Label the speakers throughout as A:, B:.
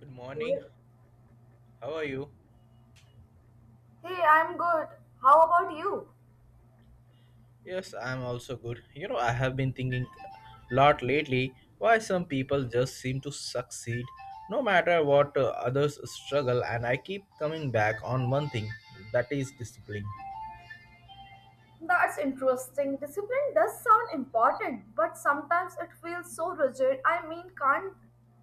A: Good morning.
B: Well,
A: How are you?
B: hey, I'm good. How about you?
A: Yes, I'm also good. I have been thinking a lot lately why some people just seem to succeed no matter what others struggle, and I keep coming back on one thing that is discipline.
B: That's interesting. Discipline does sound important, but sometimes it feels so rigid. I mean, can't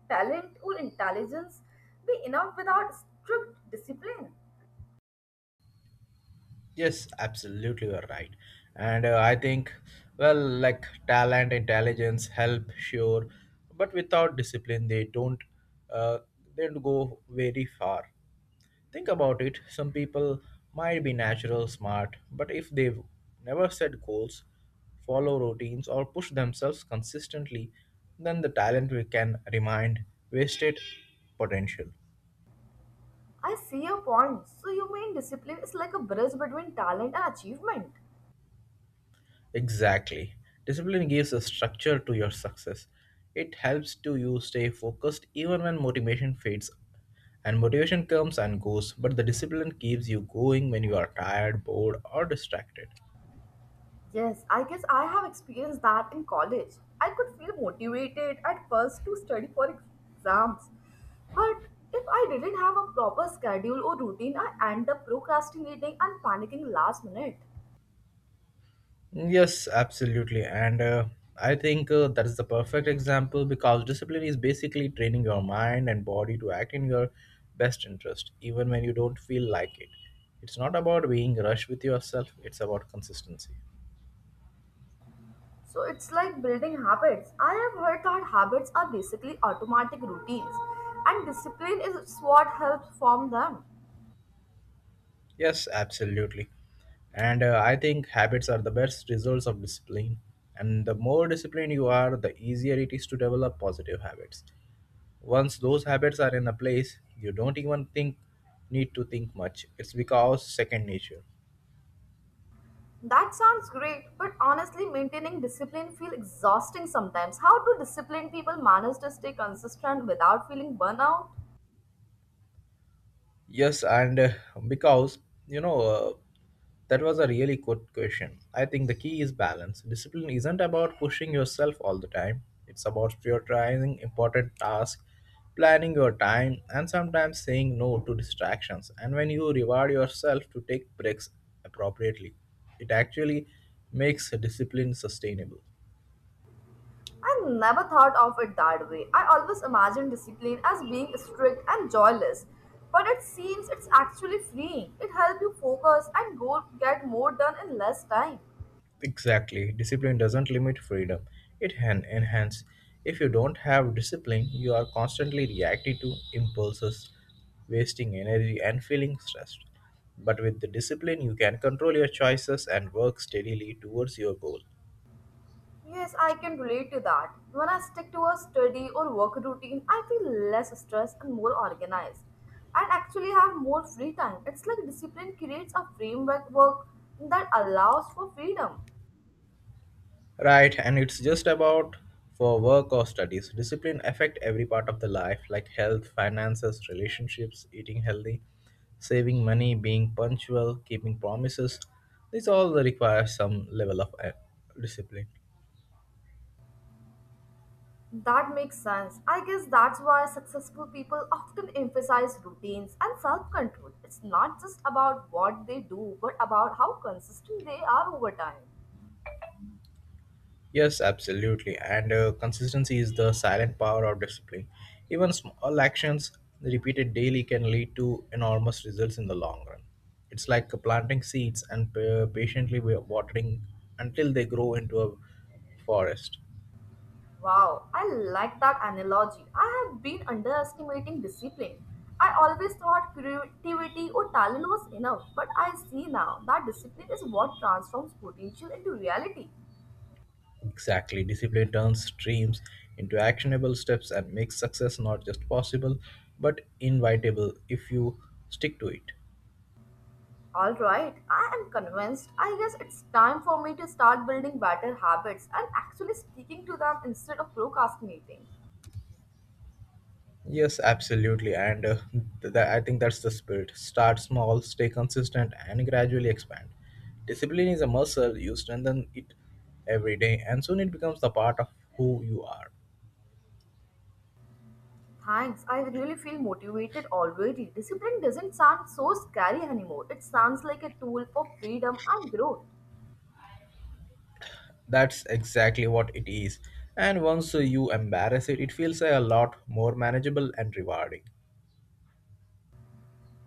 B: talent or intelligence be enough without strict discipline?
A: Yes, absolutely, you're right. And I think, well, like talent, intelligence, help, sure, but without discipline, uh, they don't go very far. Think about it, some people might be natural smart, but if they've never set goals, follow routines, or push themselves consistently, then the talent we can remind wasted potential.
B: I see your point. So, you mean discipline is like a bridge between talent and achievement?
A: Exactly. Discipline gives a structure to your success. It helps to you stay focused even when motivation fades, and motivation comes and goes, but the discipline keeps you going when you are tired, bored, or distracted.
B: Yes, I guess I have experienced that in college. I could feel motivated at first to study for exams, but if I didn't have a proper schedule or routine, I end up procrastinating and panicking last minute.
A: Yes, absolutely. And I think that is the perfect example because discipline is basically training your mind and body to act in your best interest, even when you don't feel like it. It's not about being rushed with yourself, it's about consistency.
B: So it's like building habits. I have heard that habits are basically automatic routines, and discipline is what helps form them.
A: Yes, absolutely. And I think habits are the best results of discipline. And the more disciplined you are, the easier it is to develop positive habits. Once those habits are in a place, you don't even think need to think much. It's because second nature.
B: That sounds great, but honestly, maintaining discipline feels exhausting sometimes. How do disciplined people manage to stay consistent without feeling burnout?
A: Yes, and because you know uh, that was a really good question. I think the key is balance. Discipline isn't about pushing yourself all the time. It's about prioritizing important tasks, planning your time, and sometimes saying no to distractions. And when you reward yourself to take breaks appropriately, it actually makes discipline sustainable.
B: I never thought of it that way. I always imagined discipline as being strict and joyless, but it seems it's actually freeing. It helps you focus and go get more done in less time.
A: Exactly. Discipline doesn't limit freedom, it can enhance. If you don't have discipline, you are constantly reacting to impulses, wasting energy, and feeling stressed. But with the discipline, you can control your choices and work steadily towards your goal.
B: Yes, I can relate to that. When I stick to a study or work routine, I feel less stressed and more organized. And actually have more free time. It's like discipline creates a framework work that allows for freedom.
A: Right, and it's just about for work or studies. Discipline affect every part of the life, like health, finances, relationships, eating healthy, saving money, being punctual, keeping promises. These all require some level of discipline.
B: That makes sense. I guess that's why successful people often emphasize routines and self control. It's not just about what they do, but about how consistent they are over time.
A: Yes, absolutely. And consistency is the silent power of discipline. Even small actions repeated daily can lead to enormous results in the long run. It's like planting seeds and patiently watering until they grow into a forest.
B: Wow, I like that analogy. I have been underestimating discipline. I always thought creativity or talent was enough, but I see now that discipline is what transforms potential into reality.
A: Exactly. Discipline turns dreams into actionable steps and makes success not just possible but invitable if you stick to it.
B: Alright, I am convinced. I guess it's time for me to start building better habits and actually sticking to them instead of procrastinating.
A: Yes, absolutely. And I think that's the spirit. Start small, stay consistent, and gradually expand. Discipline is a muscle, you strengthen it every day, and soon it becomes the part of who you are.
B: Thanks, I really feel motivated already. Discipline doesn't sound so scary anymore, it sounds like a tool for freedom and growth.
A: That's exactly what it is. And once you embrace it, it feels a lot more manageable and rewarding.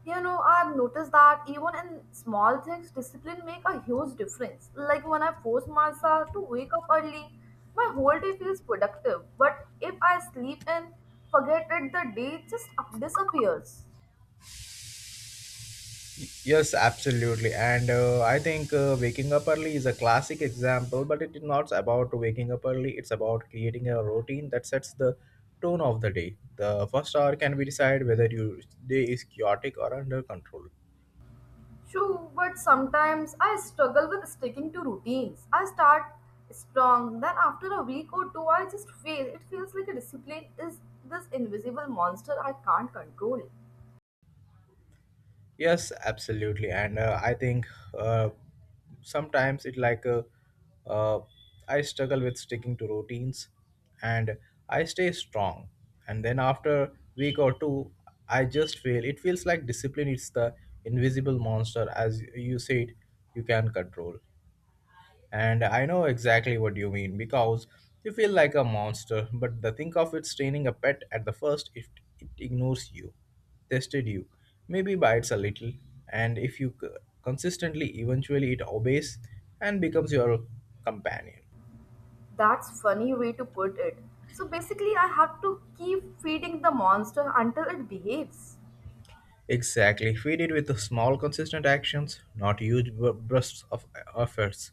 B: You know, I've noticed that even in small things, discipline make a huge difference. Like when I force myself to wake up early, my whole day feels productive. But if I sleep in, forget it, the day just disappears.
A: Yes, absolutely. And I think waking up early is a classic example, but it is not about waking up early. It's about creating a routine that sets the tone of the day. The first hour can be decide whether your day is chaotic or under control.
B: True, but sometimes I struggle with sticking to routines. I start strong, then after a week or two, I just fail. It feels like a discipline is this invisible monster I can't control.
A: Yes, absolutely, and I think uh, sometimes it like uh, I struggle with sticking to routines, and I stay strong, and then after week or two, I just fail. It feels like discipline is the invisible monster, as you said, you can control. And I know exactly what you mean because you feel like a monster, but the think of it training a pet at the first. If it ignores you, tested you, maybe bites a little, and if you consistently, eventually it obeys and becomes your companion.
B: That's funny way to put it. So basically I have to keep feeding the monster until it behaves.
A: Exactly, feed it with the small, consistent actions, not huge bursts of efforts.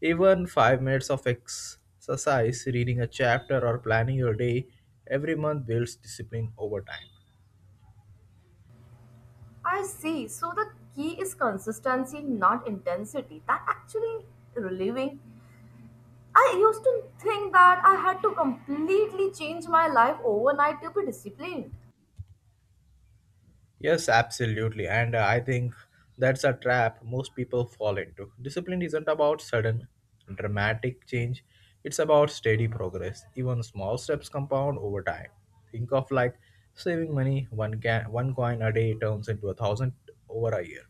A: Even 5 minutes of exercise, reading a chapter, or planning your day every month builds discipline over time.
B: I see. So the key is consistency, not intensity. That actually relieving. I used to think that I had to completely change my life overnight to be disciplined.
A: Yes, absolutely. And I think that's a trap most people fall into. Discipline isn't about sudden, dramatic change, it's about steady progress. Even small steps compound over time. Think of like saving money, one coin a day turns into 1,000 over a year.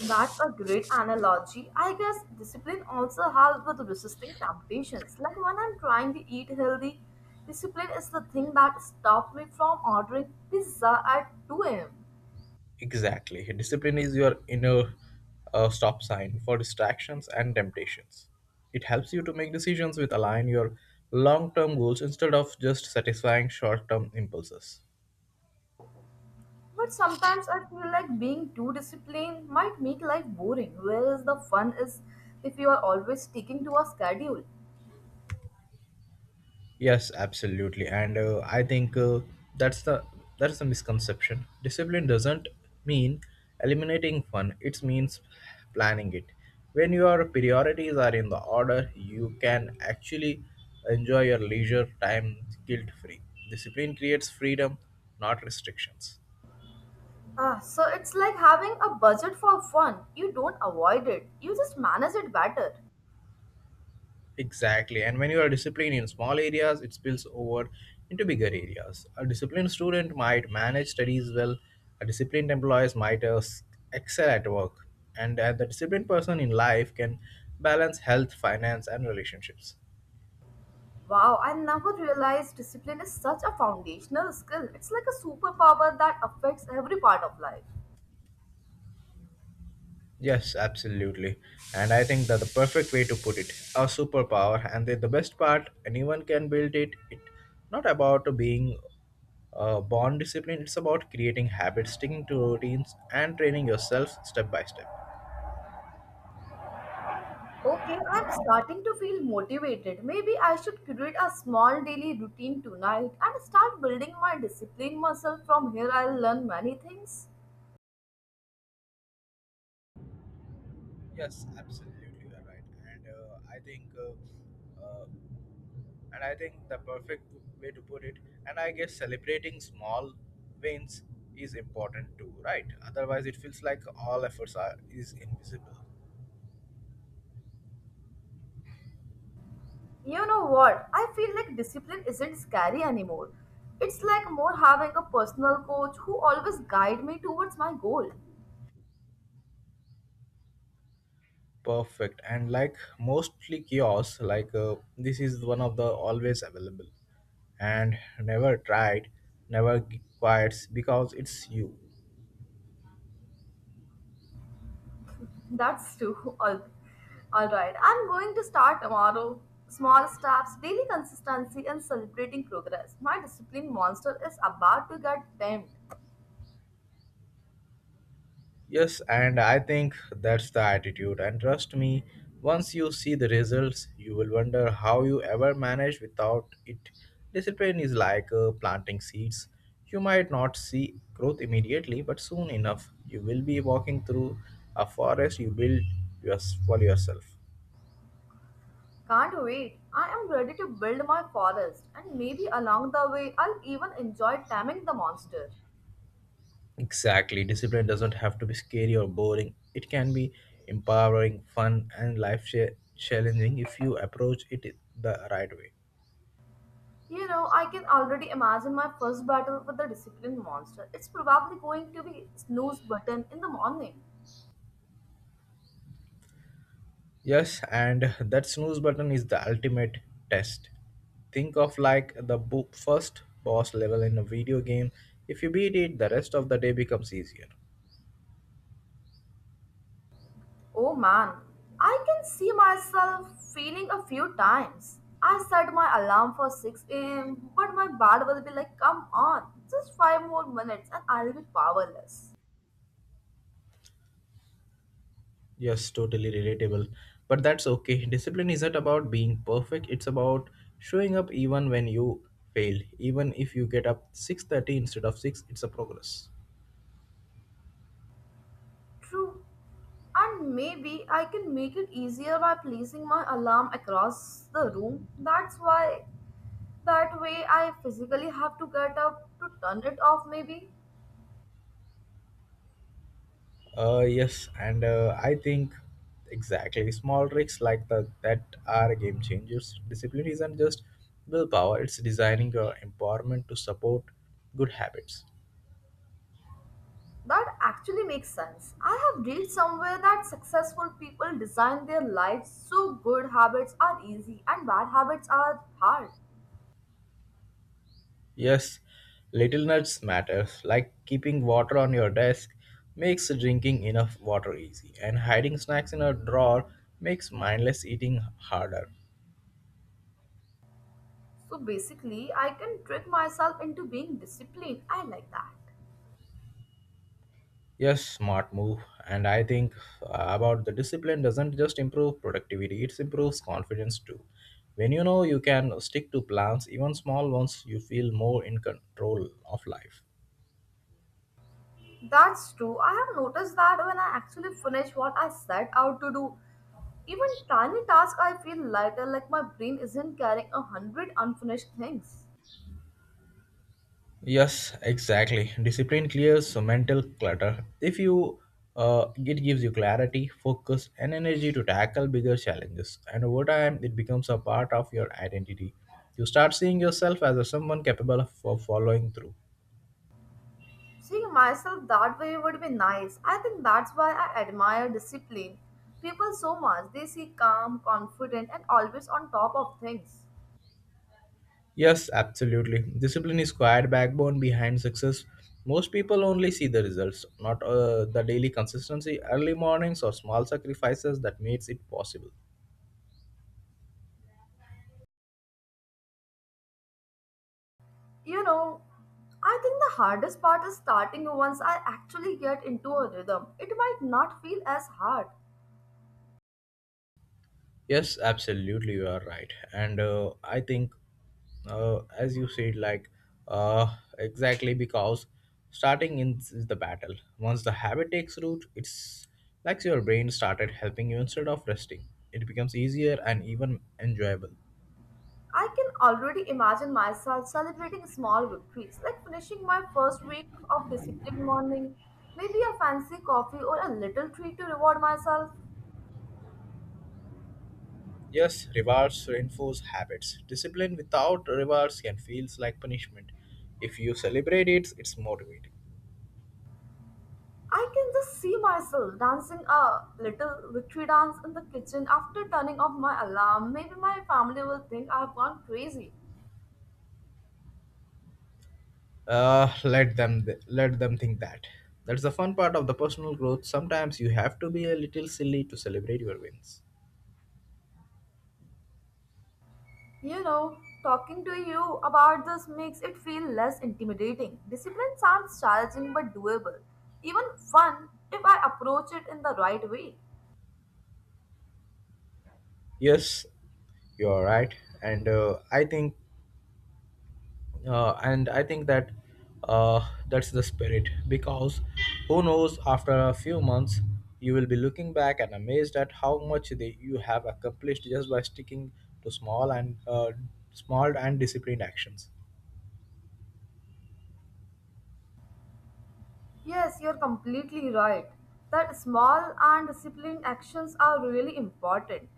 B: That's a great analogy. I guess discipline also helps with resisting temptations. Like when I'm trying to eat healthy, discipline is the thing that stops me from ordering pizza at 2 a.m.
A: Exactly. Discipline is your inner stop sign for distractions and temptations. It helps you to make decisions with align your long term goals instead of just satisfying short term impulses.
B: But sometimes I feel like being too disciplined might make life boring, whereas the fun is if you are always sticking to a schedule.
A: Yes, absolutely. And I think that's the that's the misconception. Discipline doesn't mean eliminating fun. It means planning it. When your priorities are in the order, you can actually enjoy your leisure time guilt-free. Discipline creates freedom, not restrictions.
B: Ah, so it's like having a budget for fun. You don't avoid it, you just manage it better.
A: Exactly. And when you are disciplined in small areas, it spills over into bigger areas. A disciplined student might manage studies well, a disciplined employee might excel at work, and the disciplined person in life can balance health, finance, and relationships.
B: Wow, I never realized discipline is such a foundational skill. It's like a superpower that affects every part of life.
A: Yes, absolutely. And I think that the perfect way to put it, a superpower. And the best part, anyone can build it. It not about being born disciplined. It's about creating habits, sticking to routines, and training yourself step by step.
B: Okay, I'm starting to feel motivated. Maybe I should create a small daily routine tonight and start building my discipline muscle. From here, I'll learn many things.
A: Yes, absolutely, you're right. And I think the perfect way to put it. And I guess celebrating small wins is important too, right? Otherwise, it feels like all efforts are is invisible.
B: You know what? I feel like discipline isn't scary anymore. It's like more having a personal coach who always guide me towards my goal.
A: Perfect. And like mostly kiosks, like this is one of the always available and never tried, never quits because it's you.
B: That's true. All right. I'm going to start tomorrow. Small steps, daily consistency, and celebrating progress. My discipline monster is about to get tamed.
A: Yes, and I think that's the attitude. And trust me, once you see the results, you will wonder how you ever managed without it. Discipline is like planting seeds. You might not see growth immediately, but soon enough, you will be walking through a forest you build yours for yourself.
B: Can't wait. I am ready to build my forest, and maybe along the way, I'll even enjoy taming the monster.
A: Exactly. Discipline doesn't have to be scary or boring. It can be empowering, fun, and life challenging if you approach it the right way.
B: You know, I can already imagine my first battle with the discipline monster. It's probably going to be snooze button in the morning.
A: Yes, and that snooze button is the ultimate test. Think of like the first boss level in a video game. If you beat it, the rest of the day becomes easier.
B: Oh man, I can see myself feeling a few times. I set my alarm for 6 a.m., but my body will be like, come on, just 5 more minutes and I'll be powerless.
A: Yes, totally relatable. But that's okay. Discipline isn't about being perfect. It's about showing up even when you fail. Even if you get up 6:30 instead of 6, it's a progress.
B: True. And maybe I can make it easier by placing my alarm across the room. That way, I physically have to get up to turn it off, maybe.
A: Yes, and I think exactly small tricks like the that are game changers. Discipline isn't just willpower, it's designing your environment to support good habits.
B: That actually makes sense. I have read somewhere that successful people design their lives so good habits are easy and bad habits are hard.
A: Yes, little nuts matter, like keeping water on your desk makes drinking enough water easy, and hiding snacks in a drawer makes mindless eating harder.
B: So basically, I can trick myself into being disciplined. I like that.
A: Yes, smart move, and I think about the discipline doesn't just improve productivity, it improves confidence too. When you know you can stick to plans, even small ones, you feel more in control of life.
B: That's true. I have noticed that when I actually finish what I set out to do, even tiny tasks, I feel lighter, like my brain isn't carrying a hundred unfinished things.
A: Yes, exactly. Discipline clears so mental clutter. If you it gives you clarity, focus, and energy to tackle bigger challenges. And over time, it becomes a part of your identity. You start seeing yourself as a someone capable of following through.
B: Seeing myself that way would be nice. I think that's why I admire discipline. People so much, they see calm, confident, and always on top of things.
A: Yes, absolutely. Discipline is quiet backbone behind success. Most people only see the results, not the daily consistency, early mornings, or small sacrifices that makes it possible.
B: You know, I think the hardest part is starting once I actually get into a rhythm. It might not feel as hard.
A: Yes, absolutely, you are right. And I think, as you said, like exactly because starting in is the battle. Once the habit takes root, it's like your brain started helping you instead of resting. It becomes easier and even enjoyable.
B: I can already imagine myself celebrating small victories, like finishing my first week of disciplined morning, maybe a fancy coffee or a little treat to reward myself.
A: Yes, rewards reinforce habits. Discipline without rewards can feels like punishment. If you celebrate it, it's motivating.
B: I can just see myself dancing a little victory dance in the kitchen after turning off my alarm. Maybe my family will think I've gone crazy.
A: Let them think that that's the fun part of the personal growth. Sometimes you have to be a little silly to celebrate your wins.
B: You know, talking to you about this makes it feel less intimidating. Discipline sounds challenging but doable, even fun if I approach it in the right way.
A: Yes, you're right. And I think uh, that's the spirit because who knows, after a few months you will be looking back and amazed at how much you have accomplished just by sticking to small and disciplined actions.
B: Yes, you're completely right. That small and disciplined actions are really important.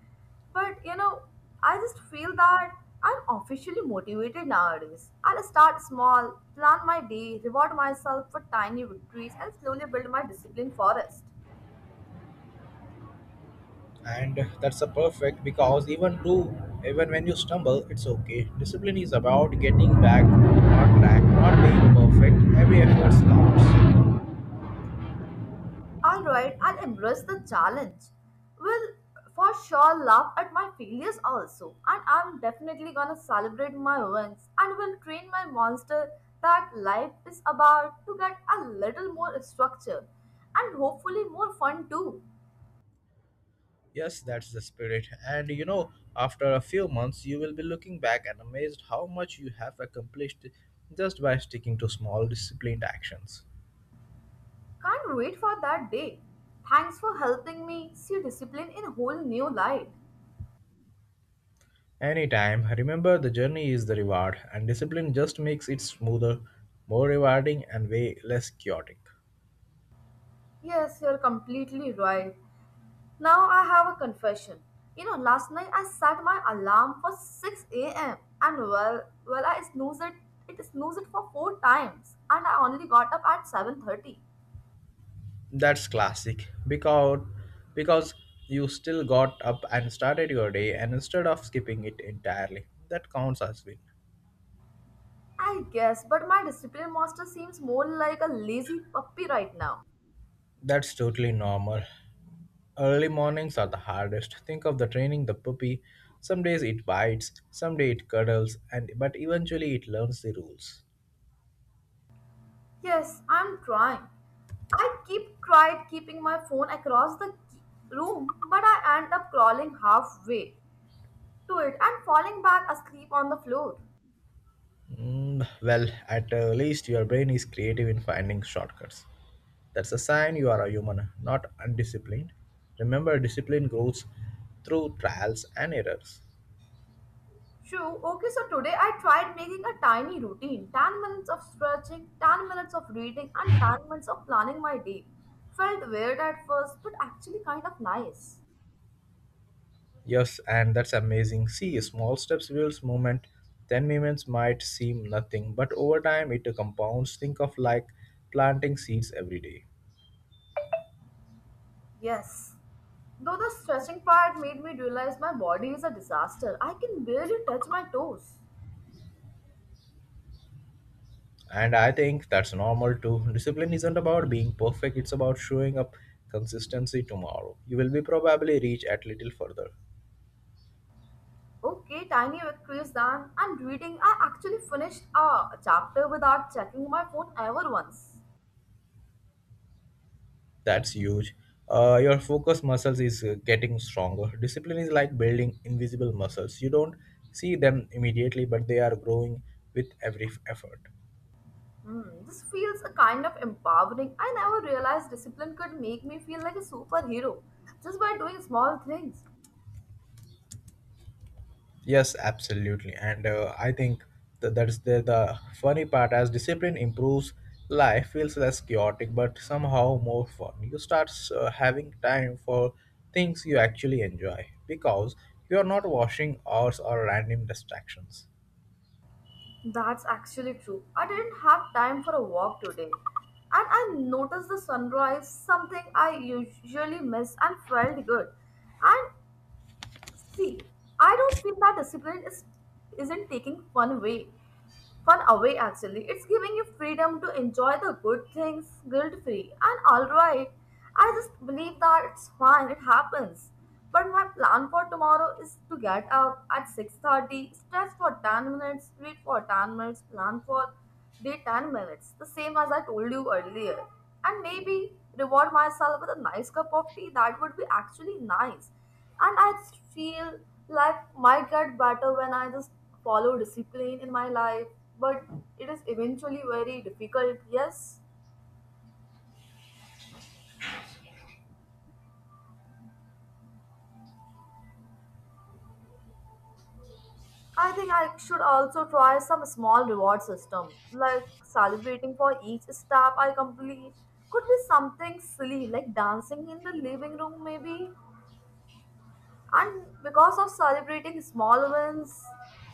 B: But you know, I just feel that I'm officially motivated nowadays. I'll start small, plan my day, reward myself for tiny victories, and slowly build my discipline forest.
A: And that's a perfect because even when you stumble, it's okay. Discipline is about getting back on track, not being perfect. Every effort counts.
B: All right, I'll embrace the challenge. Will for sure laugh at my failures also, and I'm definitely gonna celebrate my wins and will train my monster that life is about to get a little more structure and hopefully more fun too.
A: Yes, that's the spirit. And after a few months you will be looking back and amazed how much you have accomplished just by sticking to small disciplined actions.
B: Can't wait for that day. Thanks for helping me see discipline in a whole new light.
A: Anytime. Remember, the journey is the reward, and discipline just makes it smoother, more rewarding, and way less chaotic.
B: Yes, you're completely right. Now I have a confession. You know, last night I set my alarm for 6 a.m. and well, I snoozed it. It snoozed it for four times, and I only got up at 7:30.
A: That's classic because because you still got up and started your day, and instead of skipping it entirely, that counts as win.
B: I guess, but my discipline master seems more like a lazy puppy right now.
A: That's totally normal. Early mornings are the hardest. Think of the training the puppy. Some days it bites, some day it cuddles, and but eventually it learns the rules.
B: Yes, I'm trying. I keep tried keeping my phone across the room, but I end up crawling halfway to it and falling back asleep on the floor.
A: Mm, well, at least your brain is creative in finding shortcuts. That's a sign you are a human, not undisciplined. Remember, discipline grows through trials and errors.
B: True. Okay, so today I tried making a tiny routine 10 minutes of stretching, 10 minutes of reading, and 10 minutes of planning my day. Felt weird at first, but actually kind of nice.
A: Yes, and that's amazing. See, small steps builds movement. 10 minutes might seem nothing, but over time it compounds. Think of like planting seeds every day.
B: Yes. Though the stretching part made me realize my body is a disaster, I can barely touch my toes.
A: And I think that's normal too. Discipline isn't about being perfect, it's about showing up consistency tomorrow. You will be probably reach at little further.
B: Okay, tiny victories then. And reading, I actually finished a chapter without checking my phone ever once.
A: That's huge. Your focus muscles is getting stronger. Discipline is like building invisible muscles. You don't see them immediately, but they are growing with every effort.
B: Hmm, this feels a kind of empowering. I never realized discipline could make me feel like a superhero just by doing small things.
A: Yes, absolutely. And I think that is the funny part. As discipline improves, life feels less chaotic, but somehow more fun. You start having time for things you actually enjoy because you are not washing hours or random distractions.
B: That's actually true. I didn't have time for a walk today. And I noticed the sunrise, something I usually miss and felt good. And see, I don't feel that discipline is isn't taking fun away. Fun away actually. It's giving you freedom to enjoy the good things guilt free and alright. I just believe that it's fine, it happens. But my plan for tomorrow is to get up at 6:30, stretch for 10 minutes, read for 10 minutes, plan for day 10 minutes, the same as I told you earlier. And maybe reward myself with a nice cup of tea that would be actually nice and I just feel like might get better when I just follow discipline in my life, but it is eventually very difficult. Yes, I think I should also try some small reward system, like celebrating for each step I complete. Could be something silly like dancing in the living room, maybe. And because of celebrating small wins,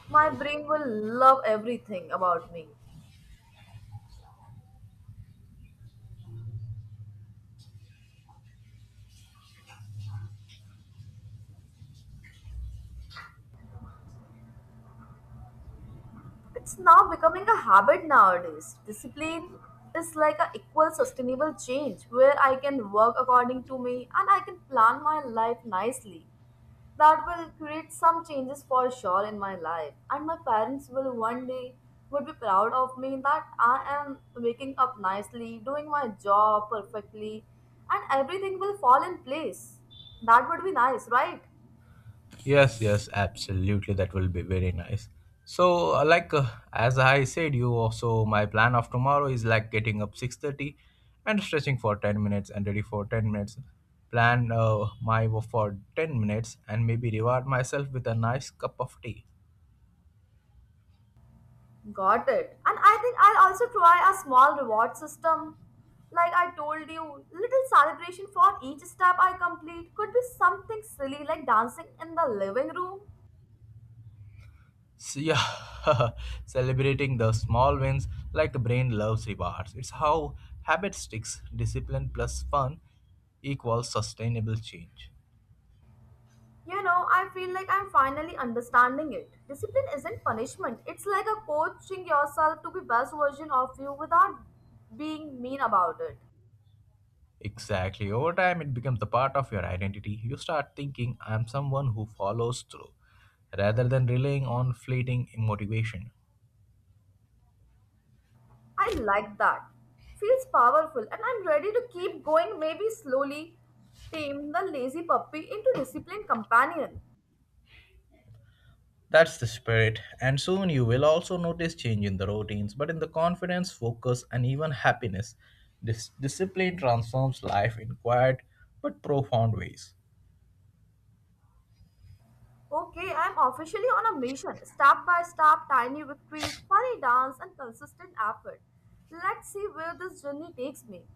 B: my brain will love everything about me. It's now becoming a habit nowadays. Discipline is like an equal sustainable change where I can work according to me and I can plan my life nicely. That will create some changes for sure in my life and my parents will one day would be proud of me that I am waking up nicely, doing my job perfectly and everything will fall in place. That would be nice, right?
A: Yes, yes, absolutely. That will be very nice. So, as I said, you also my plan of tomorrow is like getting up 6:30, and stretching for 10 minutes and ready for 10 minutes. Plan my work for 10 minutes and maybe reward myself with a nice cup of tea.
B: Got it. And I think I'll also try a small reward system. Like I told you, little celebration for each step I complete could be something silly like dancing in the living room.
A: So, yeah, celebrating the small wins like the brain loves rewards. It's how habit sticks. Discipline plus fun equals sustainable change.
B: You know, I feel like I'm finally understanding it. Discipline isn't punishment. It's like a coaching yourself to be best version of you without being mean about it.
A: Exactly. Over time, it becomes a part of your identity. You start thinking, I'm someone who follows through, rather than relying on fleeting motivation.
B: I like that. Feels powerful and I'm ready to keep going maybe slowly tame the lazy puppy into disciplined companion.
A: That's the spirit. And soon you will also notice change in the routines, but in the confidence, focus, and even happiness. This discipline transforms life in quiet but profound ways.
B: Okay, I'm officially on a mission. Step by step, tiny victories, funny dance, and consistent effort. Let's see where this journey takes me.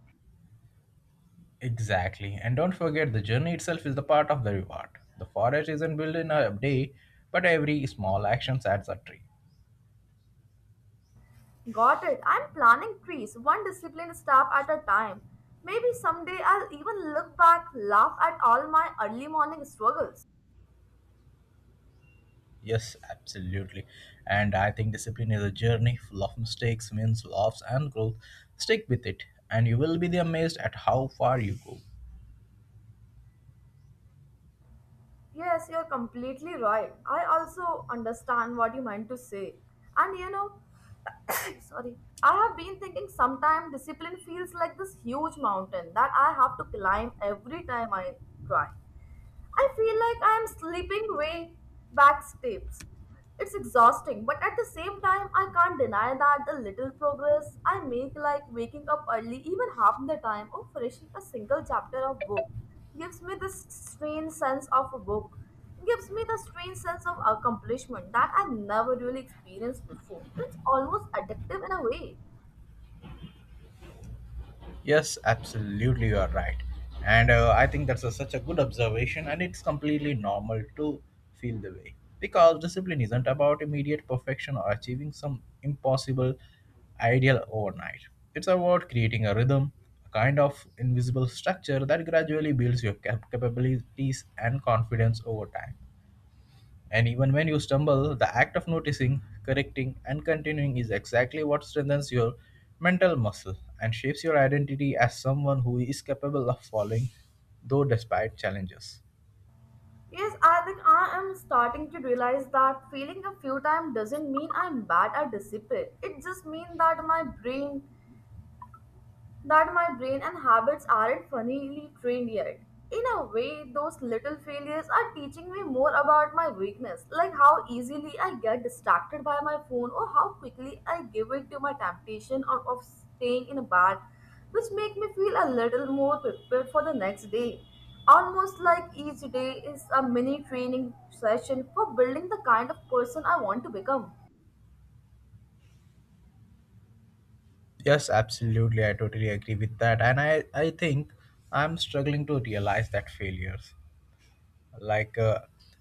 A: Exactly. And don't forget, the journey itself is the part of the reward. The forest isn't built in a day, but every small action adds a tree.
B: Got it. I'm planning trees, one disciplined step at a time. Maybe someday I'll even look back, laugh at all my early morning struggles.
A: Yes, absolutely. And I think discipline is a journey full of mistakes, wins, laughs, and growth. Stick with it, and you will be amazed at how far you go.
B: Yes, you're completely right. I also understand what you meant to say. And you know, sorry, I have been thinking sometimes discipline feels like this huge mountain that I have to climb every time I try. I feel like I am slipping way back steps. It's exhausting, but at the same time, I can't deny that the little progress I make, like waking up early even half the time or finishing a single chapter of book, gives me this strange sense of a book, gives me the strange sense of accomplishment that I never really experienced before. It's almost addictive in a way.
A: Yes, absolutely, you are right. And I think that's a, such a good observation, and it's completely normal to feel the way. Because discipline isn't about immediate perfection or achieving some impossible ideal overnight. It's about creating a rhythm, a kind of invisible structure that gradually builds your capabilities and confidence over time. And even when you stumble, the act of noticing, correcting, and continuing is exactly what strengthens your mental muscle and shapes your identity as someone who is capable of falling, though despite challenges.
B: Yes, I think I am starting to realize that failing a few times doesn't mean I'm bad or disciplined. It just means that my brain and habits aren't funnily trained yet. In a way, those little failures are teaching me more about my weakness, like how easily I get distracted by my phone or how quickly I give in to my temptation of staying in a bed, which make me feel a little more prepared for the next day. Almost like each day is a mini training session for building the kind of person I want to become.
A: Yes, absolutely. I totally agree with that. And I think I'm struggling to realize that failures. Like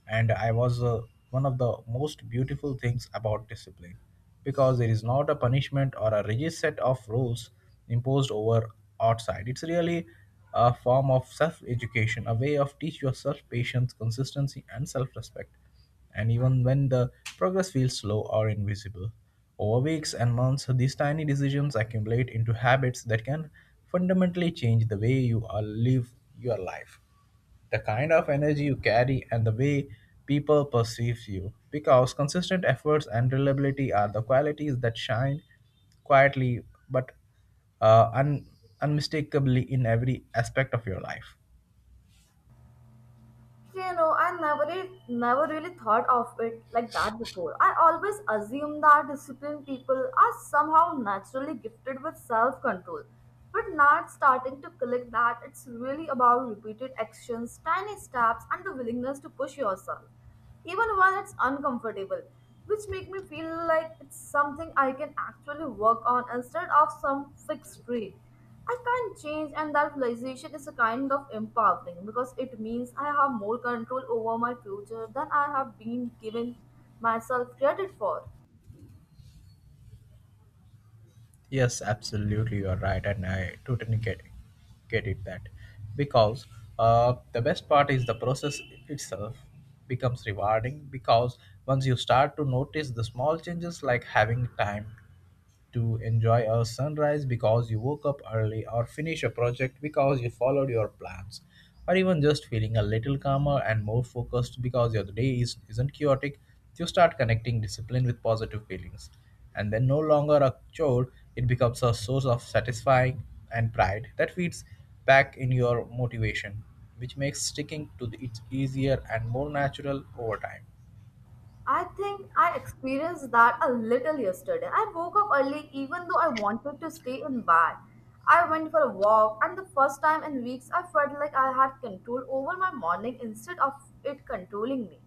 A: and I was One of the most beautiful things about discipline, because it is not a punishment or a rigid set of rules imposed over outside, it's really a form of self education, a way of teach yourself patience, consistency, and self respect. And even when the progress feels slow or invisible over weeks and months, these tiny decisions accumulate into habits that can fundamentally change the way you live your life, the kind of energy you carry, and the way people perceive you, because consistent efforts and reliability are the qualities that shine quietly, but uh, un- unmistakably in every aspect of your life.
B: So, you know, I never really thought of it like that before. I always assumed that disciplined people are somehow naturally gifted with self-control. But now it's starting to click that it's really about repeated actions, tiny steps, and the willingness to push yourself, even when it's uncomfortable, which make me feel like it's something I can actually work on instead of some fixed trait I can't change, and that realization is a kind of empowering because it means I have more control over my future than I have been given myself credit for.
A: Yes, absolutely, you are right. And I totally get it that, because the best part is the process itself becomes rewarding. Because once you start to notice the small changes, like having time to enjoy a sunrise because you woke up early, or finish a project because you followed your plans, or even just feeling a little calmer and more focused because your day is, isn't chaotic, you start connecting discipline with positive feelings. And then, no longer a chore, it becomes a source of satisfying and pride that feeds back in your motivation, which makes sticking to it easier and more natural over time.
B: I think I experienced that a little yesterday. I woke up early even though I wanted to stay in bed. I went for a walk, and the first time in weeks, I felt like I had control over my morning instead of it controlling me.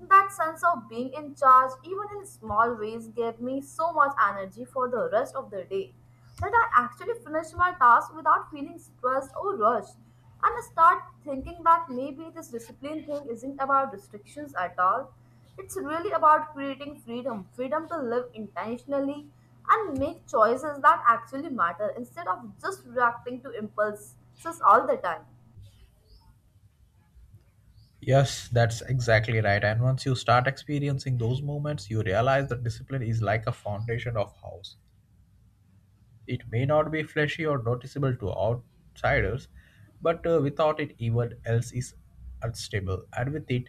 B: That sense of being in charge, even in small ways, gave me so much energy for the rest of the day that I actually finished my task without feeling stressed or rushed. And I start thinking that maybe this discipline thing isn't about restrictions at all. It's really about creating freedom, freedom to live intentionally and make choices that actually matter instead of just reacting to impulses all the time.
A: Yes, that's exactly right. And once you start experiencing those moments, you realize that discipline is like a foundation of house. It may not be flashy or noticeable to outsiders, but without it, even else is unstable. And with it,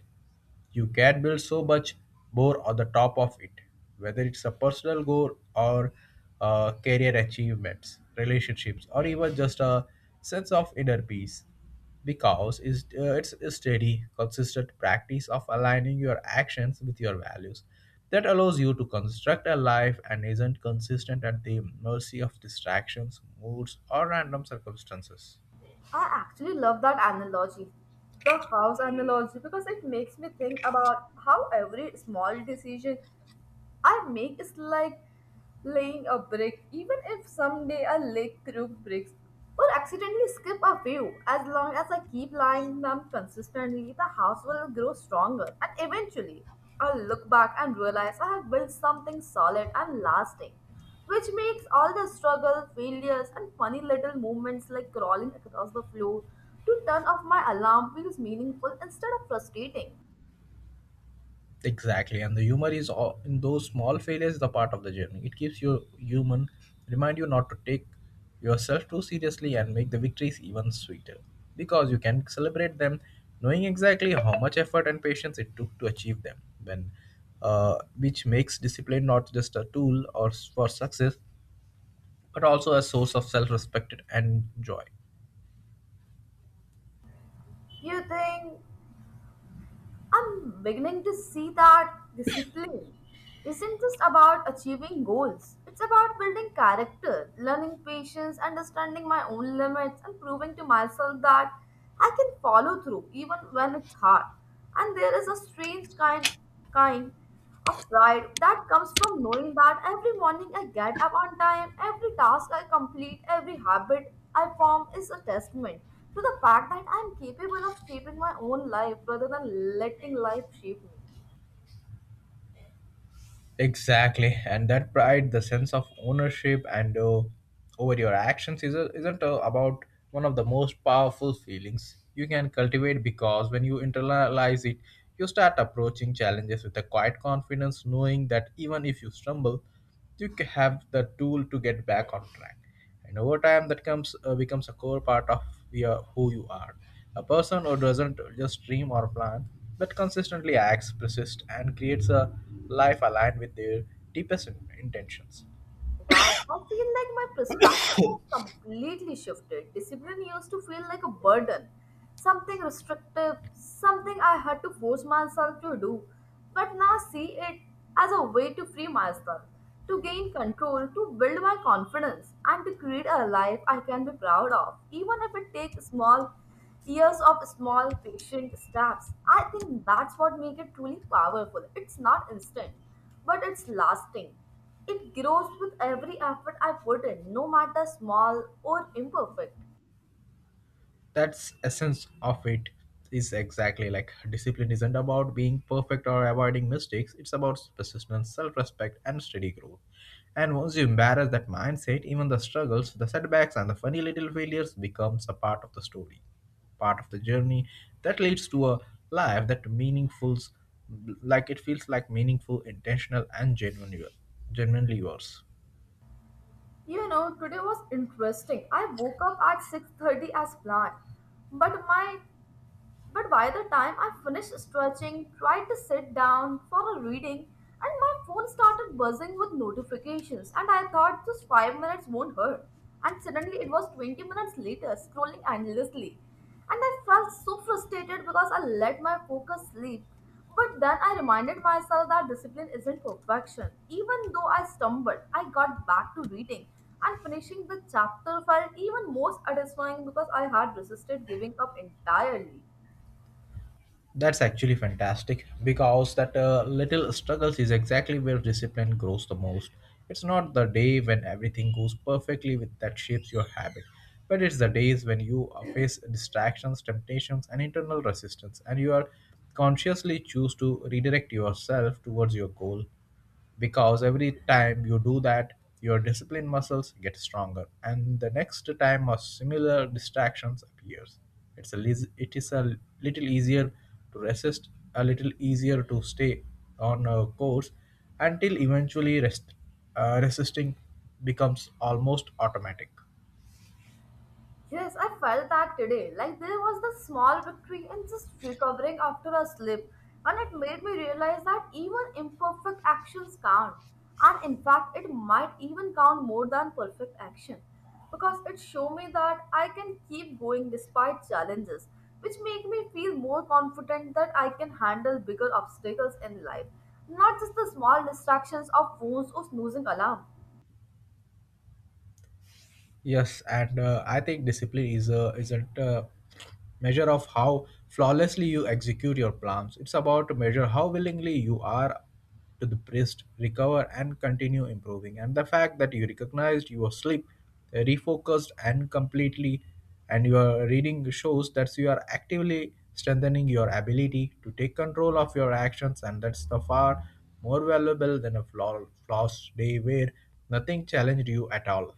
A: you can build so much more on the top of it, whether it's a personal goal or career achievements, relationships, or even just a sense of inner peace, because it's a steady, consistent practice of aligning your actions with your values that allows you to construct a life and isn't consistent at the mercy of distractions, moods, or random circumstances.
B: I actually love that analogy, the house analogy, because it makes me think about how every small decision I make is like laying a brick, even if someday I lick through bricks or accidentally skip a few. As long as I keep lying them consistently, the house will grow stronger, and eventually, I'll look back and realize I have built something solid and lasting, which makes all the struggle, failures, and funny little movements like crawling across the floor to turn off my alarm feels meaningful instead of frustrating.
A: Exactly, and the humor is all, in those small failures the part of the journey. It keeps you human, remind you not to take yourself too seriously, and make the victories even sweeter because you can celebrate them, knowing exactly how much effort and patience it took to achieve them. Which makes discipline not just a tool or for success, but also a source of self-respect and joy.
B: You think I'm beginning to see that discipline isn't just about achieving goals. It's about building character, learning patience, understanding my own limits, and proving to myself that I can follow through even when it's hard. And there is a strange kind of pride that comes from knowing that every morning I get up on time, every task I complete, every habit I form is a testament to the fact that I am capable of shaping my own life rather than letting life shape me.
A: Exactly, and that pride, the sense of ownership and over your actions, is a, isn't about one of the most powerful feelings you can cultivate, because when you internalize it, you start approaching challenges with a quiet confidence, knowing that even if you stumble, you have the tool to get back on track. And over time that comes becomes a core part of your, who you are, a person who doesn't just dream or plan, but consistently acts, persists, and creates a life aligned with their deepest intentions.
B: Wow, I feel like my perspective has completely shifted. Discipline used to feel like a burden, something restrictive, something I had to force myself to do. But now I see it as a way to free myself, to gain control, to build my confidence, and to create a life I can be proud of, even if it takes small years of small patient steps. I think that's what makes it truly powerful. It's not instant, but it's lasting. It grows with every effort I put in, no matter small or imperfect.
A: That's essence of it, is exactly like discipline isn't about being perfect or avoiding mistakes, it's about persistence, self-respect, and steady growth. And once you embrace that mindset, even the struggles, the setbacks, and the funny little failures becomes a part of the story, part of the journey that leads to a life that meaningful, like it feels like meaningful, intentional, and genuinely yours.
B: You know, today was interesting. I woke up at 6:30 as planned, but my But by the time I finished stretching, tried to sit down for a reading, and my phone started buzzing with notifications, and I thought just 5 minutes won't hurt. And suddenly it was 20 minutes later, scrolling endlessly. And I felt so frustrated because I let my focus sleep. But then I reminded myself that discipline isn't perfection. Even though I stumbled, I got back to reading. And finishing the chapter felt even more satisfying because I had resisted giving up entirely.
A: That's actually fantastic, because that little struggles is exactly where discipline grows the most. It's not the day when everything goes perfectly with that shapes your habit, but it's the days when you face distractions, temptations, and internal resistance, and you are consciously choose to redirect yourself towards your goal, because every time you do that your discipline muscles get stronger, and the next time a similar distractions appears, it's a it is a little easier to resist, a little easier to stay on a course, until eventually resisting becomes almost automatic.
B: Yes, I felt that today. Like there was the small victory and just recovering after a slip. And it made me realize that even imperfect actions count. And in fact, it might even count more than perfect action, because it showed me that I can keep going despite challenges, which make me feel more confident that I can handle bigger obstacles in life, not just the small distractions of phones or snoozing alarm.
A: Yes, and I think discipline is a isn't a measure of how flawlessly you execute your plans. It's about to measure how willingly you are to the priest, recover and continue improving. And the fact that you recognized your sleep, refocused and completely, and your reading shows that you are actively strengthening your ability to take control of your actions, and that's the far more valuable than a flawless day where nothing challenged you at all.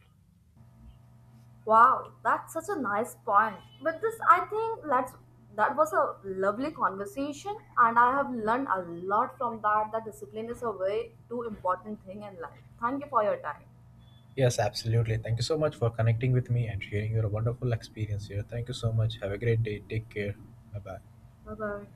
B: Wow, that's such a nice point. But this, I think, let's that was a lovely conversation, and I have learned a lot from that. That discipline is a way too important thing in life. Thank you for your time.
A: Yes, absolutely. Thank you so much for connecting with me and sharing your wonderful experience here. Thank you so much. Have a great day. Take care. Bye bye.
B: Bye bye.